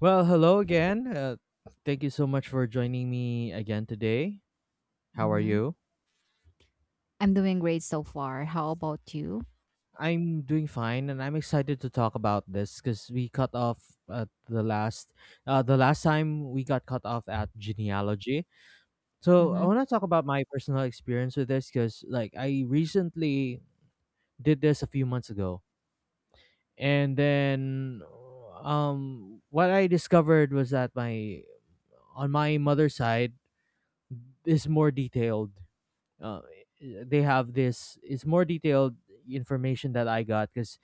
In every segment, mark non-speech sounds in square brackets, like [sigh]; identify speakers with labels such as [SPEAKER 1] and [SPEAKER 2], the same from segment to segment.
[SPEAKER 1] Well, hello again. Thank you so much for joining me again today. How are
[SPEAKER 2] Mhm.
[SPEAKER 1] you?
[SPEAKER 2] I'm doing great so far. How about you?
[SPEAKER 1] I'm doing fine, and I'm excited to talk about this because we cut off at the last time we got cut off at genealogy. So I
[SPEAKER 2] Mhm.
[SPEAKER 1] want to talk about my personal experience with this because, like, I recently did this a few months ago, and then, what I discovered was that my on my mother's side is more detailed uh, they have this it's more detailed information that I got because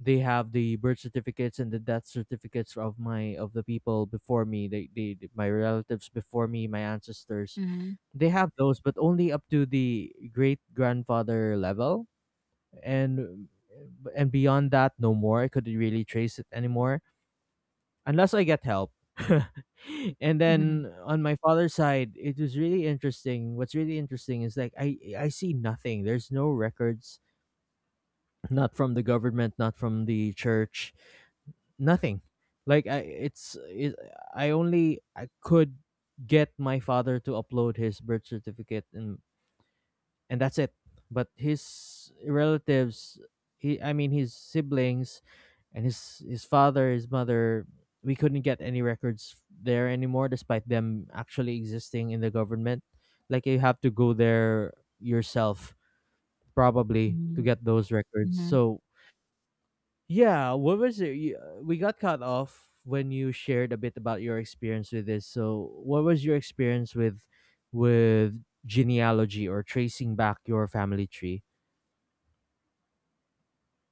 [SPEAKER 1] they have the birth certificates and the death certificates of my of the people before me they my relatives before me my ancestors
[SPEAKER 2] Mhm.
[SPEAKER 1] they have those but only up to the great grandfather level and and beyond that no more I couldn't really trace it anymore unless I get help. [laughs] And
[SPEAKER 2] Mhm.
[SPEAKER 1] then on my father's side, it was really interesting. What's really interesting is like I see nothing. There's no records, not from the government, not from the church, nothing. Like I, it's it, I only I could get my father to upload his birth certificate and that's it. But his relatives, he I mean his siblings, and his father, his mother, we couldn't get any records there anymore, despite them actually existing in the government. Like you have to go there yourself probably to
[SPEAKER 2] Mhm.
[SPEAKER 1] get those records.
[SPEAKER 2] Mhm. [laughs]
[SPEAKER 1] So yeah, what was it? We got cut off when you shared a bit about your experience with this. So what was your experience with with genealogy or tracing back your family tree?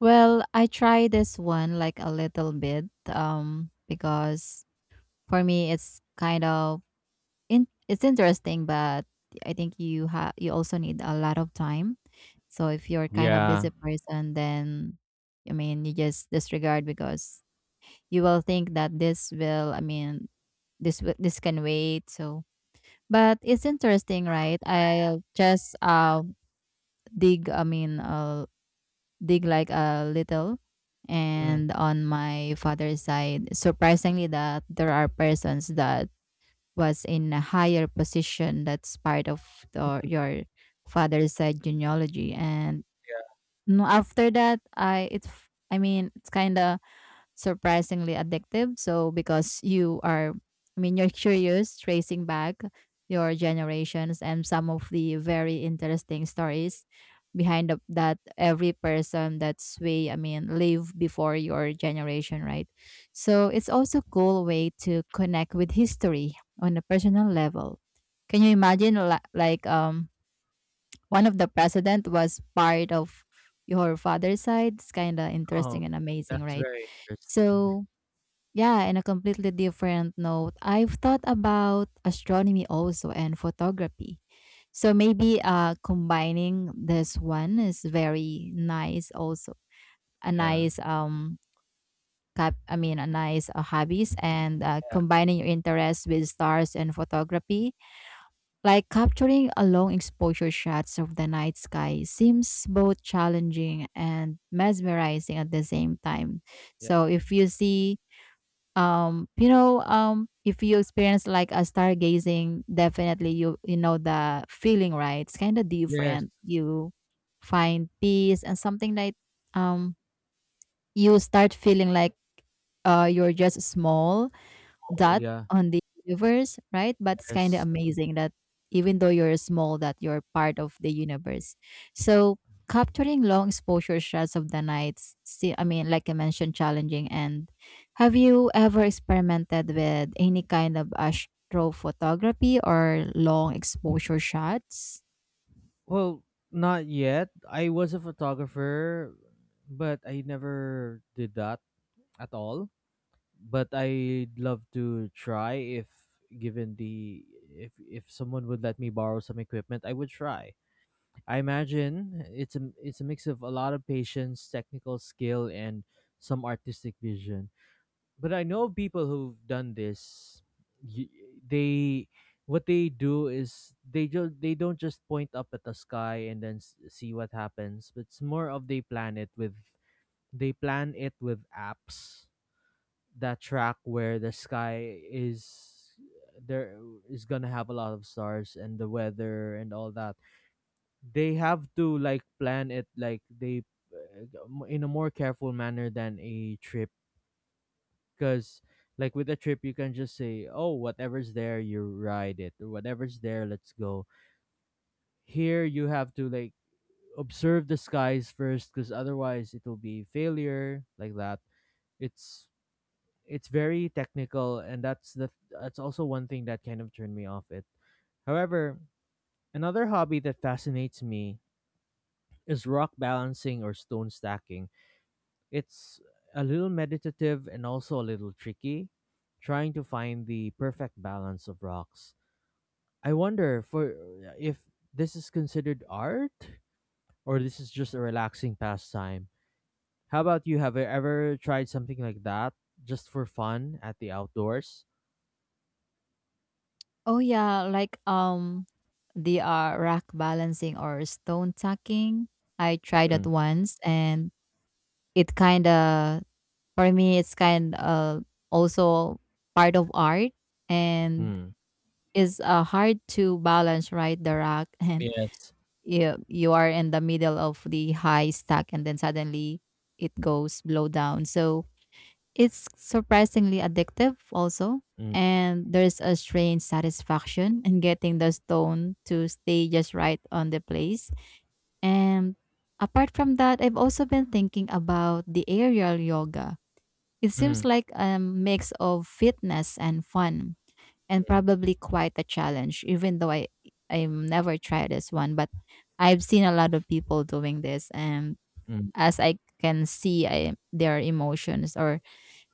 [SPEAKER 2] Well, I try this one like a little bit because for me it's kind of in, it's interesting, but I think you also need a lot of time. So if you're kind of
[SPEAKER 1] Yeah.
[SPEAKER 2] busy person, then I mean you just disregard, because you will think that this will I mean, this can wait. So, but it's interesting, right? I'll just dig, I mean, dig like a little.
[SPEAKER 1] Mm.
[SPEAKER 2] And on my father's side, surprisingly that there are persons that was in a higher position that's part of your father's side genealogy. And no, after that, I mean, it's kind of surprisingly addictive. So because I mean, you're curious, tracing back your generations and some of the very interesting stories behind that every person that's way, I mean, live before your generation, right? So it's also a cool way to connect with history on a personal level. Can you imagine, like, one of the president was part of your father's side? It's kind of
[SPEAKER 1] Oh,
[SPEAKER 2] interesting and amazing,
[SPEAKER 1] that's
[SPEAKER 2] right?
[SPEAKER 1] very interesting.
[SPEAKER 2] So, yeah, in a completely different note, I've thought about astronomy also and photography. So maybe combining this one is very nice also. A
[SPEAKER 1] Yeah.
[SPEAKER 2] nice cap I mean a nice hobbies, and
[SPEAKER 1] Yeah,
[SPEAKER 2] combining your interests with stars and photography, like capturing a long exposure shots of the night sky, seems both challenging and mesmerizing at the same time.
[SPEAKER 1] yeah.
[SPEAKER 2] So if you see, if you experience like a stargazing, definitely you, you know the feeling, right? It's kind of
[SPEAKER 1] Yes.
[SPEAKER 2] different. You find peace and something like, um you start feeling like, you're just small
[SPEAKER 1] Oh,
[SPEAKER 2] dot
[SPEAKER 1] yeah.
[SPEAKER 2] on the universe, right? But it's kind of
[SPEAKER 1] Yes.
[SPEAKER 2] amazing that even though you're small, that you're part of the universe. So capturing long exposure shots of the night, see, I mean, like I mentioned, challenging. And have you ever experimented with any kind of astrophotography or long exposure shots?
[SPEAKER 1] Well, not yet. I was a photographer, but I never did that at all. But I'd love to try if given the if someone would let me borrow some equipment, I would try. I imagine it's a mix of a lot of patience, technical skill, and some artistic vision. But I know people who've done this. y- They what they do is they don't just point up at the sky and then see what happens. But it's more of they plan it with apps that track where the sky is there is gonna have a lot of stars and the weather and all that. They have to like plan it like they in a more careful manner than a trip because like with a trip you can just say oh whatever's there you ride it or whatever's there let's go here you have to like observe the skies first because otherwise it will be failure like that it's it's very technical and that's also one thing that kind of turned me off it however another hobby that fascinates me is rock balancing or stone stacking. It's a little meditative and also a little tricky, trying to find the perfect balance of rocks. I wonder for if this is considered art or this is just a relaxing pastime. How about you? Have you ever tried something like that just for fun at the outdoors?
[SPEAKER 2] Oh yeah, like, the rock balancing or stone tucking. I tried that once, and it kind of, for me, it's kind of also part of art, and
[SPEAKER 1] Mm-hmm.
[SPEAKER 2] is hard to balance, right? The rack [laughs] and
[SPEAKER 1] Yes.
[SPEAKER 2] you are in the middle of the high stack, and then suddenly it goes blow down. So it's surprisingly addictive also. And there's a strange satisfaction in getting the stone to stay just right on the place. And apart from that, I've also been thinking about the aerial yoga. It
[SPEAKER 1] Mm-hmm.
[SPEAKER 2] seems like a mix of fitness and fun, and probably quite a challenge, even though I've never tried this one, but I've seen a lot of people doing this, and as I can see, their emotions or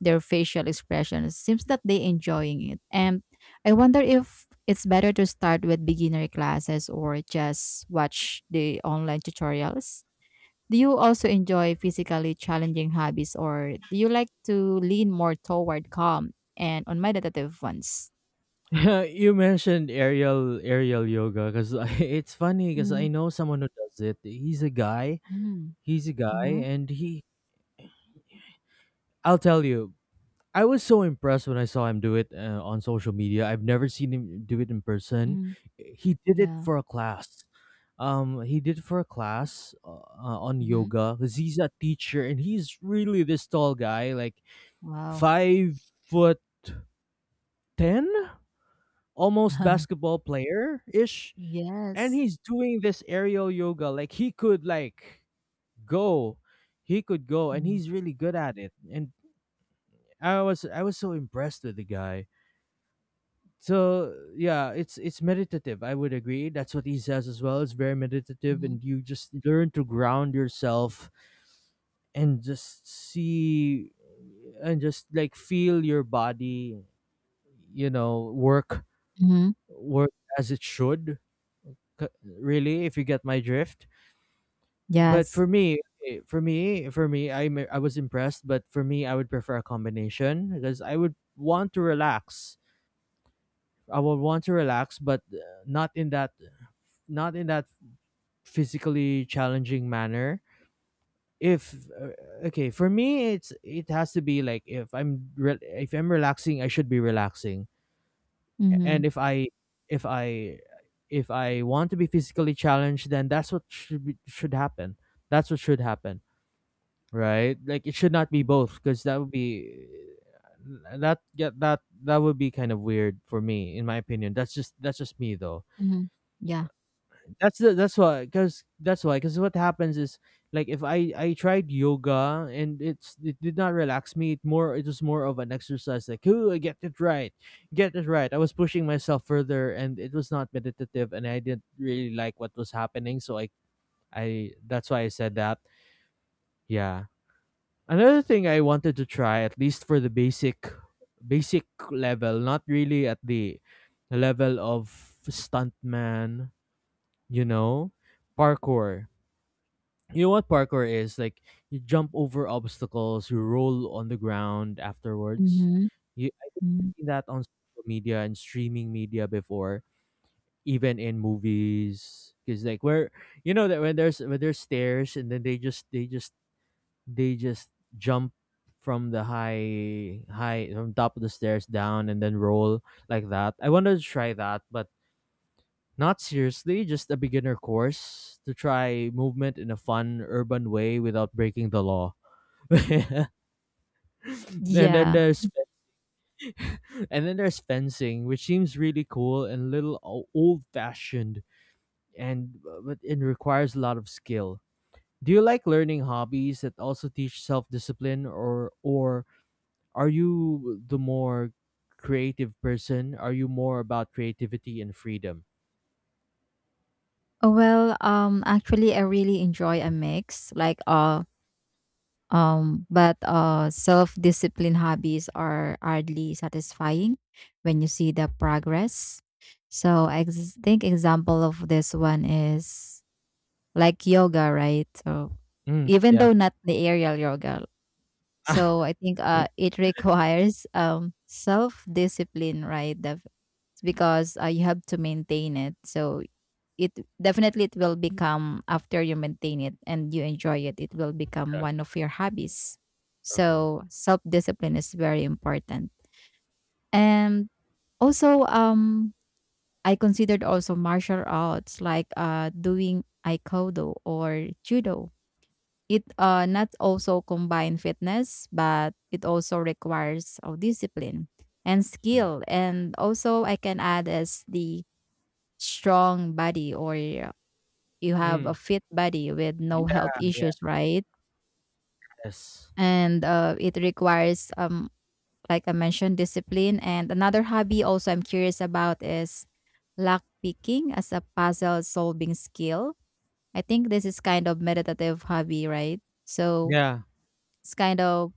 [SPEAKER 2] their facial expressions, seems that they enjoying it. And I wonder if it's better to start with beginner classes or just watch the online tutorials. Do you also enjoy physically challenging hobbies, or do you like to lean more toward calm and on meditative ones?
[SPEAKER 1] [laughs] You mentioned aerial yoga because [laughs] it's funny because I
[SPEAKER 2] Mhm,
[SPEAKER 1] know someone who does it. He's a guy.
[SPEAKER 2] mhm,
[SPEAKER 1] He's a guy,
[SPEAKER 2] mhm,
[SPEAKER 1] and he I'll tell you, I was so impressed when I saw him do it on social media. I've never seen him do it in person.
[SPEAKER 2] mhm.
[SPEAKER 1] He did it
[SPEAKER 2] Yeah.
[SPEAKER 1] for a class. He did it for a class on
[SPEAKER 2] Mhm.
[SPEAKER 1] yoga because he's a teacher and he's really this tall guy, like
[SPEAKER 2] Wow.
[SPEAKER 1] 5'10", almost
[SPEAKER 2] [laughs]
[SPEAKER 1] basketball player ish. And
[SPEAKER 2] Yes.
[SPEAKER 1] he's doing this aerial yoga. Like he could like go, he could go, and
[SPEAKER 2] Mhm.
[SPEAKER 1] he's really good at it. And I was so impressed with the guy so yeah it's meditative I would agree that's what he says as well it's very meditative
[SPEAKER 2] Mhm,
[SPEAKER 1] and you just learn to ground yourself and just see and just like feel your body you know work
[SPEAKER 2] mhm.
[SPEAKER 1] work as it should really if you get my drift but
[SPEAKER 2] Yes.
[SPEAKER 1] for me for me I am I was impressed but for me I would prefer a combination because I would want to relax I would want to relax but not in that not in that physically challenging manner if uh, okay for me it's it has to be like if I'm if I'm relaxing I should be relaxing
[SPEAKER 2] Mhm,
[SPEAKER 1] and if I if I if I want to be physically challenged then that's what should be, should happen that's what should happen right like it should not be both because that would be that yeah, that that would be kind of weird for me in my opinion that's just me though
[SPEAKER 2] mhm. Yeah.
[SPEAKER 1] that's why because what happens is like if i tried yoga and it did not relax me it was more of an exercise like ooh I get it right I was pushing myself further and it was not meditative and I didn't really like what was happening so i that's why I said that yeah another thing I wanted to try at least for the basic basic level not really at the level of stuntman you know parkour you know what parkour is like you jump over obstacles you roll on the ground afterwards
[SPEAKER 2] Mhm,
[SPEAKER 1] you I have
[SPEAKER 2] mhm.
[SPEAKER 1] seen that on social media and streaming media before even in movies because like where you know that when there's stairs and then they just jump from the high high from top of the stairs down and then roll like that I wanted to try that but not seriously, just a beginner course to try movement in a fun urban way without breaking the law. [laughs] and then
[SPEAKER 2] Yeah.
[SPEAKER 1] there's and then there's fencing, which seems really cool and little old fashioned and but it requires a lot of skill. Do you like learning hobbies that also teach self discipline or are you the more creative person? Are you more about creativity and freedom?
[SPEAKER 2] Well, actually, I really enjoy a mix, like, but self-discipline hobbies are hardly satisfying when you see the progress. So I think example of this one is like yoga, right? So
[SPEAKER 1] Mm,
[SPEAKER 2] even
[SPEAKER 1] yeah.
[SPEAKER 2] though not the aerial yoga, so
[SPEAKER 1] [laughs]
[SPEAKER 2] I think it [laughs] requires self-discipline, right? Because you have to maintain it. So it definitely it will become after you maintain it and you enjoy it, it will become one of your hobbies.
[SPEAKER 1] Okay.
[SPEAKER 2] So self discipline is very important. And also, I considered also martial arts, like doing aikido or judo. It not also combine fitness, but it also requires of discipline and
[SPEAKER 1] Mm.
[SPEAKER 2] skill, and also I can add as the strong body, or you have a
[SPEAKER 1] Mm.
[SPEAKER 2] fit body with no health
[SPEAKER 1] Yeah,
[SPEAKER 2] issues, right?
[SPEAKER 1] yes.
[SPEAKER 2] And it requires, like I mentioned, discipline. And another hobby also I'm curious about is lock picking as a puzzle solving skill. I think this is kind of meditative hobby, right? So
[SPEAKER 1] Yeah.
[SPEAKER 2] it's kind of,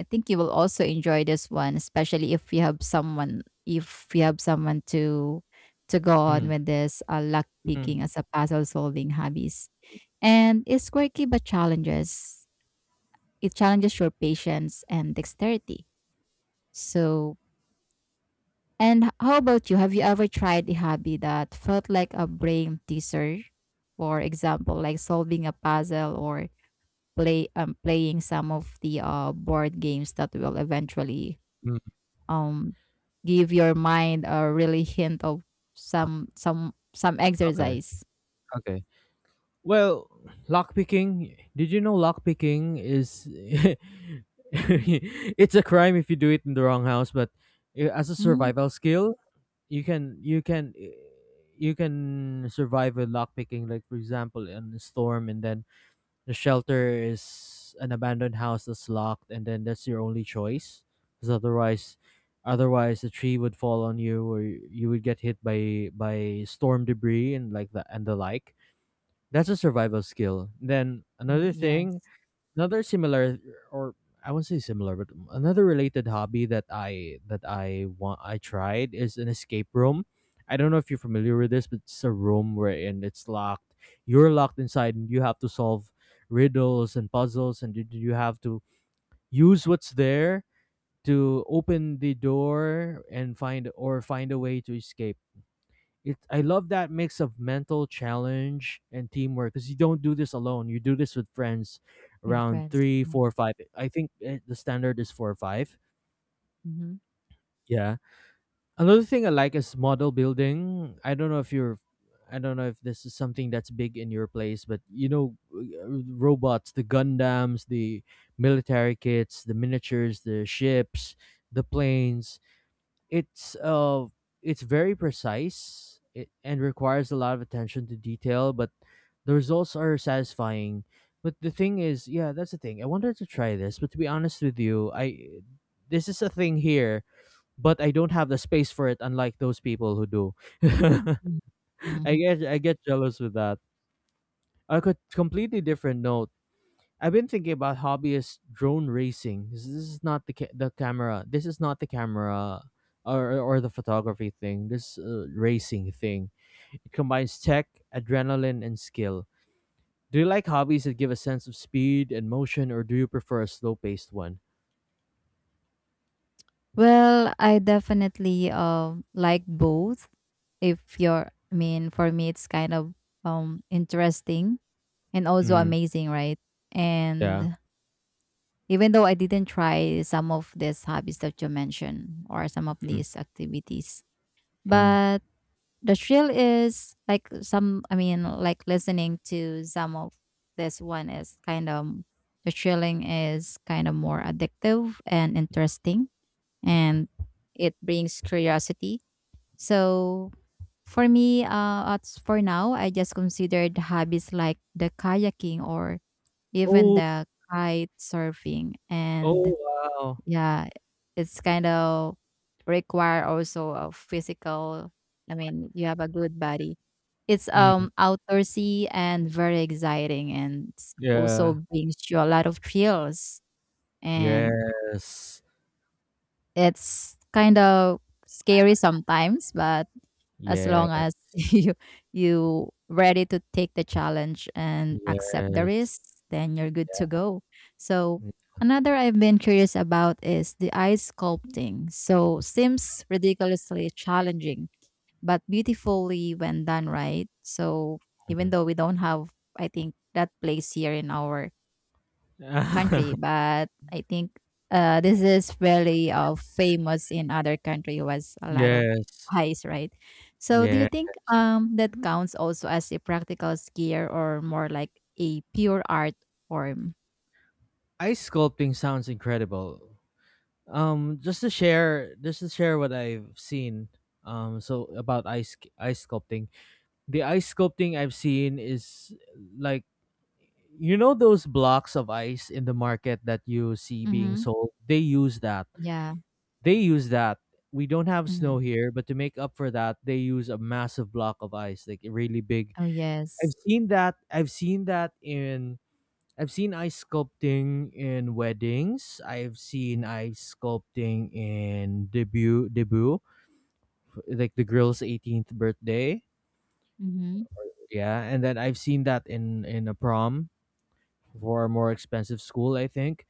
[SPEAKER 2] I think you will also enjoy this one, especially if you have someone to go on
[SPEAKER 1] Mm.
[SPEAKER 2] with this luck
[SPEAKER 1] Mm.
[SPEAKER 2] picking as a puzzle solving hobbies. And it's quirky but challenges. It challenges your patience and dexterity. So, and how about you? Have you ever tried a hobby that felt like a brain teaser? For example, like solving a puzzle, or playing some of the board games that will eventually
[SPEAKER 1] Mm.
[SPEAKER 2] um give your mind a really hint of some
[SPEAKER 1] Okay.
[SPEAKER 2] exercise.
[SPEAKER 1] Okay. Well, lockpicking. Did you know lockpicking is [laughs] it's a crime if you do it in the wrong house, but as a
[SPEAKER 2] Mm,
[SPEAKER 1] survival skill, you can you can survive with lockpicking. Like for example, in a storm, and then the shelter is an abandoned house that's locked, and then that's your only choice. Because otherwise, otherwise the tree would fall on you, or you would get hit by storm debris and like that and the like. That's a survival skill. Then
[SPEAKER 2] mm.
[SPEAKER 1] another
[SPEAKER 2] Yes,
[SPEAKER 1] thing another similar or I wouldn't say similar, but another related hobby that I tried is an escape room. I don't know if you're familiar with this, but it's a room where and it's locked. You're locked inside and you have to solve riddles and puzzles and you have to use what's there to open the door and find or find a way to escape it I love that mix of mental challenge and teamwork because you don't do this alone. You do this with friends
[SPEAKER 2] with
[SPEAKER 1] around
[SPEAKER 2] friends.
[SPEAKER 1] three, four, five. I think the standard is four or five.
[SPEAKER 2] Mm-hmm.
[SPEAKER 1] Yeah. Another thing I like is model building. I don't know if this is something that's big in your place, but you know, robots, the Gundams, the military kits, the miniatures, the ships, the planes it's uh it's very precise it, and requires a lot of attention to detail, but the results are satisfying. But the thing is, yeah, that's the thing. I wanted to try this, but to be honest with you, I this is a thing here, but I don't have the space for it unlike those people who do. [laughs] I get jealous with that. On a completely different note, I've been thinking about hobbyist drone racing. This is not the the camera. This is not the camera or the photography thing. This racing thing. It combines tech, adrenaline, and skill. Do you like hobbies that give a sense of speed and motion, or do you prefer a slow paced one?
[SPEAKER 2] Well, I definitely like both. If you're, I mean, for me, it's kind of interesting and also
[SPEAKER 1] Mm,
[SPEAKER 2] amazing, right?
[SPEAKER 1] yeah.
[SPEAKER 2] And even though I didn't try some of these hobbies that you mentioned or some of
[SPEAKER 1] Mm,
[SPEAKER 2] these activities,
[SPEAKER 1] mm.
[SPEAKER 2] but the thrill is like some, I mean, like listening to some of this one is kind of, the thrilling is kind of more addictive and interesting, and it brings curiosity. So for me, as for now, I just considered hobbies like the kayaking or even
[SPEAKER 1] Oh,
[SPEAKER 2] the kite surfing. And
[SPEAKER 1] oh, wow.
[SPEAKER 2] yeah, it's kind of require also a physical, I mean, you have a good body. It's
[SPEAKER 1] Mm,
[SPEAKER 2] outdoorsy and very exciting, and it's also
[SPEAKER 1] yeah.
[SPEAKER 2] brings you a lot of thrills, and
[SPEAKER 1] Yes.
[SPEAKER 2] it's kind of scary sometimes, but as long
[SPEAKER 1] Yeah.
[SPEAKER 2] as [laughs] you ready to take the challenge and accept the
[SPEAKER 1] Yes.
[SPEAKER 2] risks, then you're good to go. So another I've been curious about is the ice sculpting. So seems ridiculously challenging but beautifully when done right. So even
[SPEAKER 1] Mm.
[SPEAKER 2] though we don't have, I think that place here in our country,
[SPEAKER 1] [laughs]
[SPEAKER 2] but I think this is really famous in other country was a lot of
[SPEAKER 1] Yes.
[SPEAKER 2] highs, right? So do you
[SPEAKER 1] Yes.
[SPEAKER 2] think that counts also as a practical skier or more like a pure art form?
[SPEAKER 1] Ice sculpting sounds incredible. Just to share, just to share what I've seen. So about ice sculpting, the ice sculpting I've seen is like, you know, those blocks of ice in the market that you see being
[SPEAKER 2] Mm-hmm.
[SPEAKER 1] sold. They use that.
[SPEAKER 2] Yeah.
[SPEAKER 1] They use that. We don't have
[SPEAKER 2] Mm-hmm.
[SPEAKER 1] snow here, but to make up for that, they use a massive block of ice, like really big.
[SPEAKER 2] Oh
[SPEAKER 1] I've
[SPEAKER 2] yes.
[SPEAKER 1] seen that. I've seen that in I've seen ice sculpting in weddings. I've seen ice sculpting in debut, like the girl's 18th birthday.
[SPEAKER 2] Mm-hmm.
[SPEAKER 1] Yeah, and then I've seen that in a prom for a more expensive school, I think.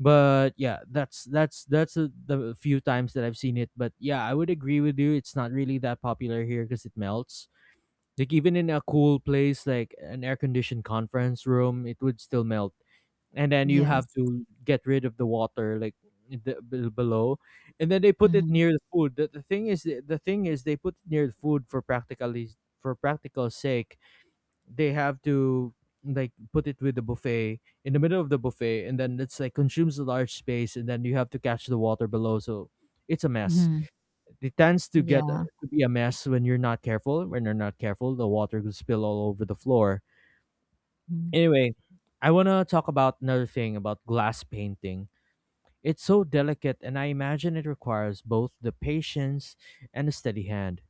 [SPEAKER 1] But yeah, the few times that I've seen it. But yeah, I would agree with you. It's not really that popular here because it melts. Like even in a cool place, like an air conditioned conference room, it would still melt. And then you have
[SPEAKER 2] Yes.
[SPEAKER 1] to get rid of the water, like the, below, and then they put it
[SPEAKER 2] Mm-hmm.
[SPEAKER 1] near the the thing is they put it near the food for practically for practical sake. They have to like put it with the buffet in the middle of the buffet, and then it's like consumes a large space, and then you have to catch the water below. So it's a mess.
[SPEAKER 2] Mm-hmm.
[SPEAKER 1] It tends to get uh,
[SPEAKER 2] Yeah.
[SPEAKER 1] to be a mess when you're not careful when you're not careful, the water will spill all over the floor. Anyway, I want to talk about another thing about glass painting. It's so delicate, and I imagine it requires both the patience and a steady hand.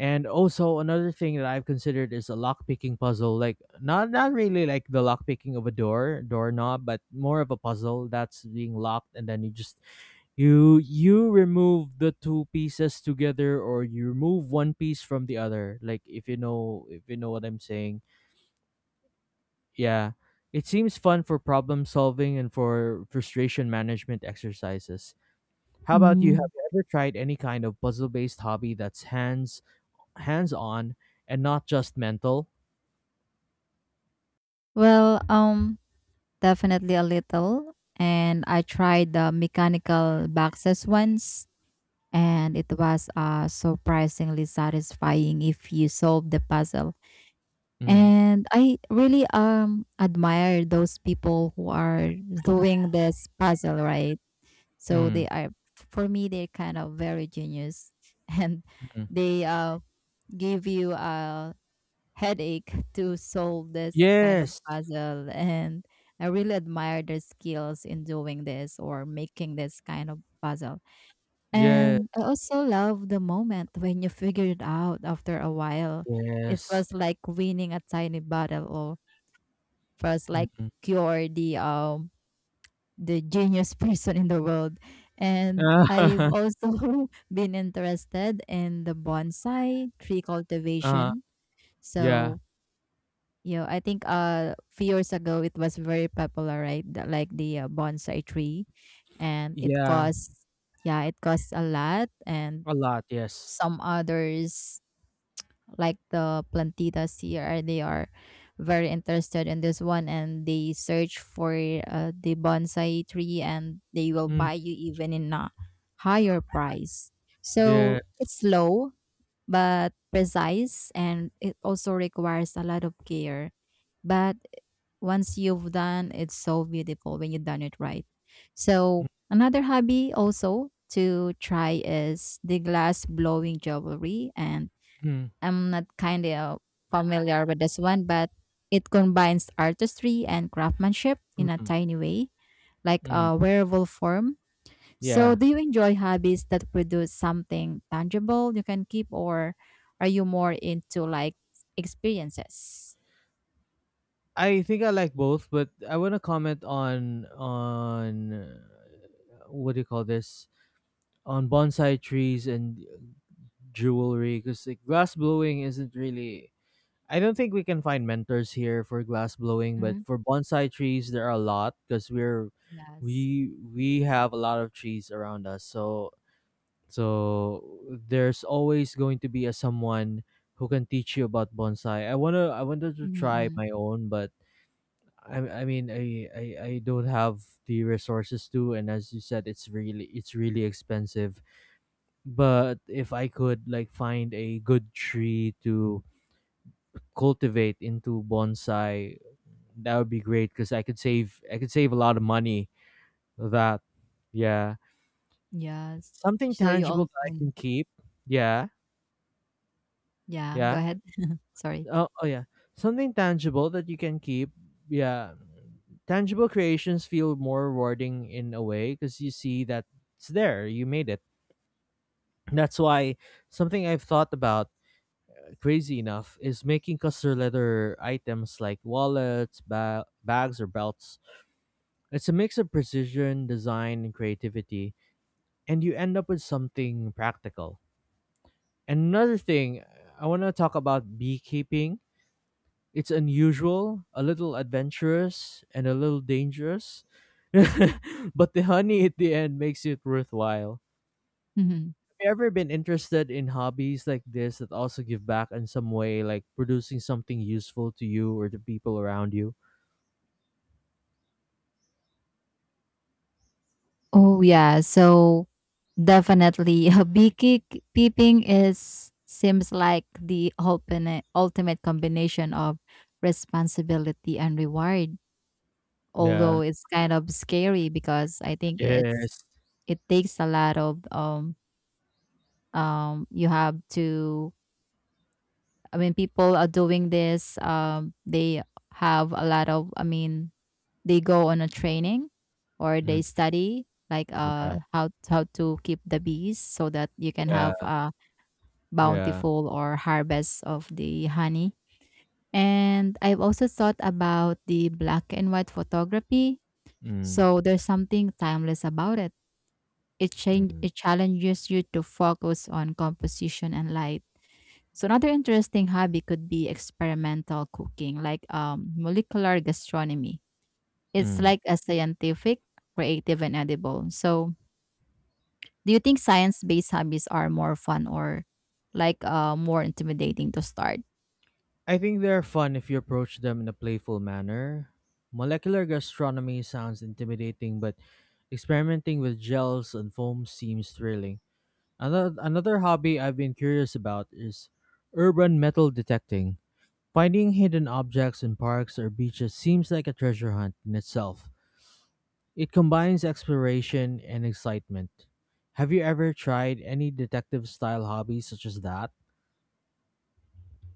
[SPEAKER 1] And also another thing that I've considered is a lockpicking puzzle, like not really like the lockpicking of a doorknob, but more of a puzzle that's being locked, and then you just you remove the two pieces together, or you remove one piece from the other. Like if you know, if you know what I'm saying, yeah. It seems fun for problem solving and for frustration management exercises. How about you?
[SPEAKER 2] Mm-hmm.
[SPEAKER 1] Have you ever tried any kind of puzzle-based hobby that's hands-on and not just mental?
[SPEAKER 2] Well, definitely a little, and I tried the mechanical boxes once, and it was surprisingly satisfying if you solved the puzzle.
[SPEAKER 1] Mm,
[SPEAKER 2] And I really admire those people who are doing [laughs] this puzzle right. So they
[SPEAKER 1] mm,
[SPEAKER 2] are for me, they're kind of very genius, [laughs] and
[SPEAKER 1] mm.
[SPEAKER 2] they give you a headache to solve this kind of
[SPEAKER 1] Yes.
[SPEAKER 2] puzzle and. I really admire their skills in doing this or making this kind of puzzle.
[SPEAKER 1] Yeah.
[SPEAKER 2] And I also love the moment when you figure it out after a while. It
[SPEAKER 1] Yes.
[SPEAKER 2] was like winning a tiny battle, or first like
[SPEAKER 1] Mm-hmm.
[SPEAKER 2] cure the genius [laughs] person in the world. And I've
[SPEAKER 1] [laughs]
[SPEAKER 2] also [laughs] been interested in the bonsai tree
[SPEAKER 1] uh,
[SPEAKER 2] cultivation.
[SPEAKER 1] yeah.
[SPEAKER 2] So I think few years ago it was very popular, right? Like the bonsai tree, and it
[SPEAKER 1] Yeah.
[SPEAKER 2] costs, yeah, it costs a lot, and
[SPEAKER 1] A lot. Yes.
[SPEAKER 2] some others like the plantitas here, they are very interested in this one, and they search for the bonsai tree, and they will
[SPEAKER 1] Mm,
[SPEAKER 2] buy you even in a higher price, so
[SPEAKER 1] yeah.
[SPEAKER 2] it's low but precise, and it also requires a lot of care. But once you've done, it's so beautiful when you've done it right. So another hobby also to try is the glass blowing jewelry, and
[SPEAKER 1] Mm,
[SPEAKER 2] I'm not kind of familiar with this one, but it combines artistry and craftsmanship in a
[SPEAKER 1] mm,
[SPEAKER 2] tiny way, like
[SPEAKER 1] mm,
[SPEAKER 2] a wearable form. So,
[SPEAKER 1] yeah.
[SPEAKER 2] do you enjoy hobbies that produce something tangible you can keep, or are you more into like experiences?
[SPEAKER 1] I think I like both, but I want to comment on what do you call this, on bonsai trees and jewelry, because like glass blowing isn't really, I don't think we can find mentors here for glass blowing, but
[SPEAKER 2] Mm,
[SPEAKER 1] for bonsai trees there are a lot because
[SPEAKER 2] yes.
[SPEAKER 1] we have a lot of trees around us. So there's always going to be a someone who can teach you about bonsai. I wanted to
[SPEAKER 2] Mm-hmm,
[SPEAKER 1] try
[SPEAKER 2] mm-hmm.
[SPEAKER 1] my own, but I I mean I, I I don't have the resources to, and as you said, it's really expensive. But if I could like find a good tree to cultivate into bonsai, that would be great because I could save a lot of money with that. Yeah.
[SPEAKER 2] Yes.
[SPEAKER 1] Something
[SPEAKER 2] So you
[SPEAKER 1] tangible
[SPEAKER 2] also,
[SPEAKER 1] that I can keep. Yeah.
[SPEAKER 2] yeah. Go
[SPEAKER 1] Yeah.
[SPEAKER 2] ahead. [laughs] Sorry.
[SPEAKER 1] Oh, oh yeah. Something tangible that you can keep. Yeah. Tangible creations feel more rewarding in a way because you see that it's there. You made it. That's why something I've thought about, crazy enough, is making custom leather items like wallets, bags, or belts. It's a mix of precision, design, and creativity, and you end up with something practical. And another thing, I want to talk about beekeeping. It's unusual, a little adventurous, and a little dangerous, [laughs] but the honey at the end makes it worthwhile.
[SPEAKER 2] hmm
[SPEAKER 1] You ever been interested in hobbies like this that also give back in some way, like producing something useful to you or the people around you?
[SPEAKER 2] Oh yeah. So definitely, [laughs] beekeeping is seems like the ultimate combination of responsibility and reward.
[SPEAKER 1] Yeah.
[SPEAKER 2] Although it's kind of scary, because I think
[SPEAKER 1] Yes.
[SPEAKER 2] it takes a lot of you have to, I mean, people are doing this, they have a lot of, I mean, they go on a training or
[SPEAKER 1] Mm,
[SPEAKER 2] they study like
[SPEAKER 1] yeah.
[SPEAKER 2] how to keep the bees, so that you can
[SPEAKER 1] Yeah.
[SPEAKER 2] have a
[SPEAKER 1] Yeah.
[SPEAKER 2] bountiful or harvest of the honey. And I've also thought about the black and white photography.
[SPEAKER 1] Mm,
[SPEAKER 2] So there's something timeless about it. It, change,
[SPEAKER 1] mm,
[SPEAKER 2] it challenges you to focus on composition and light. So another interesting hobby could be experimental cooking, like, molecular gastronomy. It's
[SPEAKER 1] mm.
[SPEAKER 2] like a scientific, creative, and edible. So do you think science-based hobbies are more fun or like more intimidating to start?
[SPEAKER 1] I think they're fun if you approach them in a playful manner. Molecular gastronomy sounds intimidating, but experimenting with gels and foams seems thrilling. Another hobby I've been curious about is urban metal detecting. Finding hidden objects in parks or beaches seems like a treasure hunt in itself. It combines exploration and excitement. Have you ever tried any detective style hobbies such as that?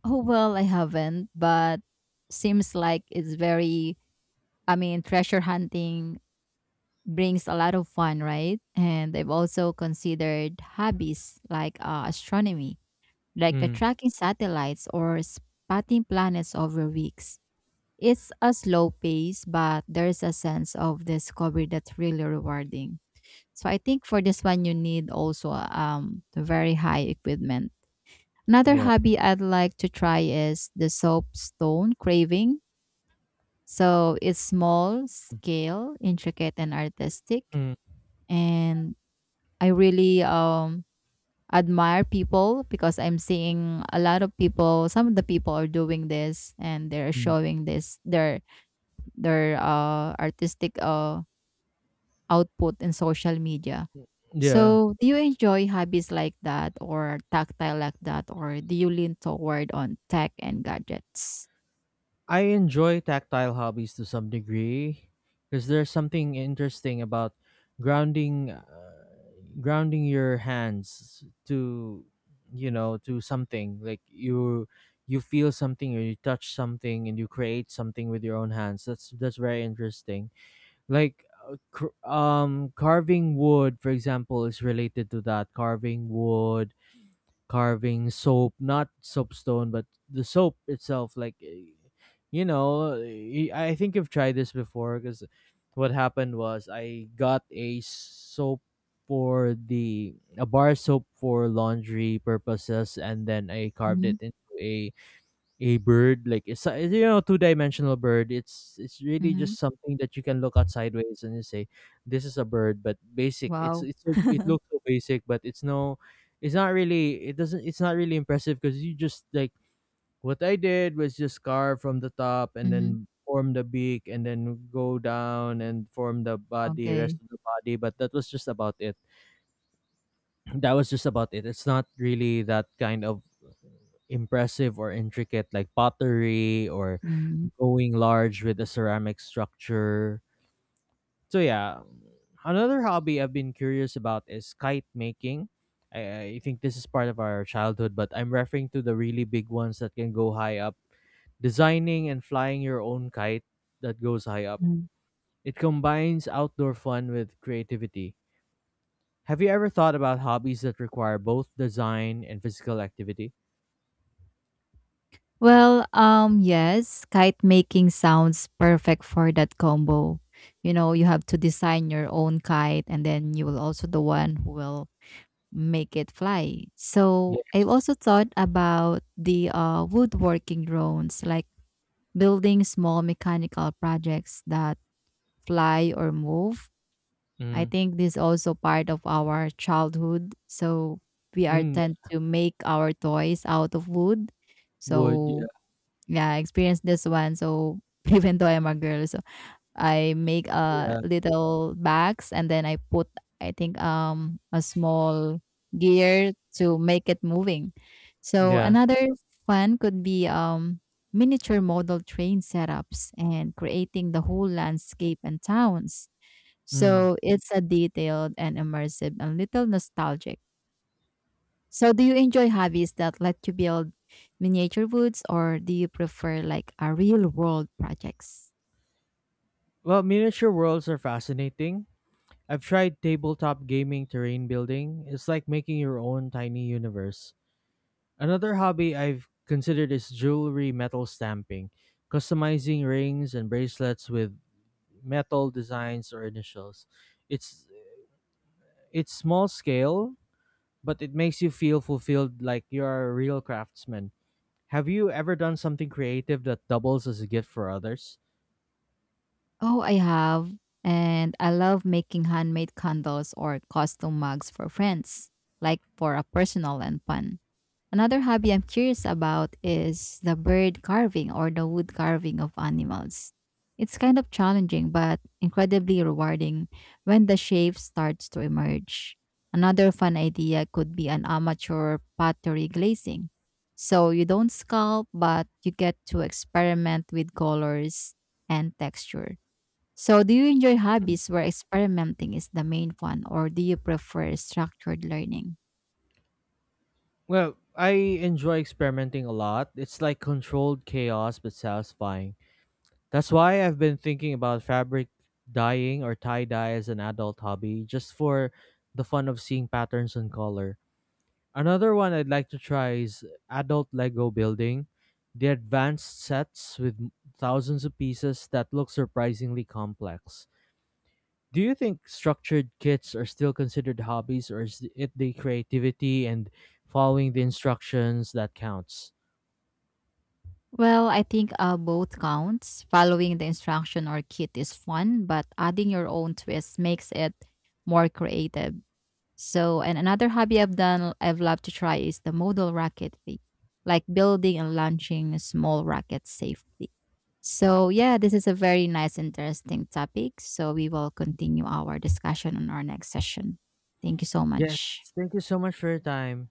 [SPEAKER 2] Oh well, I haven't, but seems like it's very. I mean, treasure hunting brings a lot of fun, right? And I've also considered hobbies like astronomy, like the
[SPEAKER 1] Mm,
[SPEAKER 2] tracking satellites or spotting planets over weeks. It's a slow pace, but there's a sense of discovery that's really rewarding. So I think for this one, you need also the very high equipment. Another
[SPEAKER 1] yeah.
[SPEAKER 2] hobby I'd like to try is the soapstone craving. So it's small, scale, intricate, and artistic.
[SPEAKER 1] Mm,
[SPEAKER 2] And I really admire people, because I'm seeing a lot of people, some of the people are doing this, and they're
[SPEAKER 1] mm.
[SPEAKER 2] showing this their artistic output in social media.
[SPEAKER 1] Yeah.
[SPEAKER 2] So do you enjoy hobbies like that or tactile like that, or do you lean toward on tech and gadgets?
[SPEAKER 1] I enjoy tactile hobbies to some degree because there's something interesting about grounding uh, grounding your hands to, you know, to something, like you feel something or you touch something and you create something with your own hands. That's very interesting. Like carving wood, for example, is related to that. Carving wood, carving soap, not soapstone, but the soap itself. Like, eh, you know, eh, I think you've tried this before. Because what happened was I got a soap for the a bar soap for laundry purposes, and then I carved
[SPEAKER 2] Mm-hmm.
[SPEAKER 1] it into a bird. Like it's a, you know, two dimensional bird. It's really
[SPEAKER 2] Mm-hmm.
[SPEAKER 1] just something that you can look at sideways and you say, this is a bird, but basic. it's
[SPEAKER 2] Wow.
[SPEAKER 1] it's so, it looks so basic, but it's no, it's not really, it doesn't, it's not really impressive, because you just like, what I did was just carve from the top and
[SPEAKER 2] Mm-hmm.
[SPEAKER 1] then form the beak and then go down and form the body rest
[SPEAKER 2] Okay.
[SPEAKER 1] of the body, but that was just about it. [clears throat] That was just about it. It's not really that kind of impressive or intricate like pottery or
[SPEAKER 2] Mm-hmm.
[SPEAKER 1] going large with a ceramic structure. So yeah, another hobby I've been curious about is kite making. I think this is part of our childhood, but I'm referring to the really big ones that can go high up. Designing and flying your own kite that goes high up. It combines outdoor fun with creativity. Have you ever thought about hobbies that require both design and physical activity?
[SPEAKER 2] Well, yes, kite making sounds perfect for that combo. You have to design your own kite, and then you will also the one who will make it fly. So
[SPEAKER 1] Yeah.
[SPEAKER 2] I've also thought about the woodworking drones, like building small mechanical projects that fly or move. I
[SPEAKER 1] Mm.
[SPEAKER 2] think this is also part of our childhood. So we are
[SPEAKER 1] Mm.
[SPEAKER 2] tend
[SPEAKER 1] Yeah.
[SPEAKER 2] to make our toys out of wood.
[SPEAKER 1] Wood.
[SPEAKER 2] So
[SPEAKER 1] Yeah.
[SPEAKER 2] yeah, I experienced this one. So [laughs] even though I'm a girl, so I make a
[SPEAKER 1] Yeah.
[SPEAKER 2] little bags, and then I put, I think, a small gear to make it moving. So
[SPEAKER 1] Yeah.
[SPEAKER 2] another fun could be miniature model train setups and creating the whole landscape and towns.
[SPEAKER 1] Mm.
[SPEAKER 2] So it's a detailed and immersive and little nostalgic. So, do you enjoy hobbies that let you build miniature woods, or do you prefer like a real world projects?
[SPEAKER 1] Well, miniature worlds are fascinating. I've tried tabletop gaming terrain building. It's like making your own tiny universe. Another hobby I've considered is jewelry metal stamping, customizing rings and bracelets with metal designs or initials. It's it's small scale, but it makes you feel fulfilled like you are a real craftsman. Have you ever done something creative that doubles as a gift for others?
[SPEAKER 2] Oh, I have, and I love making handmade candles or custom mugs for friends, like for a personal and fun. Another hobby I'm curious about is the bird carving or the wood carving of animals. It's kind of challenging but incredibly rewarding when the shape starts to emerge. Another fun idea could be an amateur pottery glazing. So you don't sculpt, but you get to experiment with colors and texture. So, do you enjoy hobbies where experimenting is the main fun, or do you prefer structured learning?
[SPEAKER 1] Well, I enjoy experimenting a lot. It's like controlled chaos but satisfying. That's why I've been thinking about fabric dyeing or tie dye as an adult hobby, just for the fun of seeing patterns and color. Another one I'd like to try is adult Lego building. The advanced sets with thousands of pieces that look surprisingly complex. Do you think structured kits are still considered hobbies, or is it the creativity and following the instructions that counts?
[SPEAKER 2] Well, I think both counts. Following the instruction or kit is fun, but adding your own twist makes it more creative. So, and another hobby I've done, I've loved to try is the modal rocketry, like building and launching small rockets safely. So, yeah, this is a very nice, interesting topic. So, we will continue our discussion on our next session. Thank you so
[SPEAKER 1] Yes,
[SPEAKER 2] much.
[SPEAKER 1] thank you so much for your time.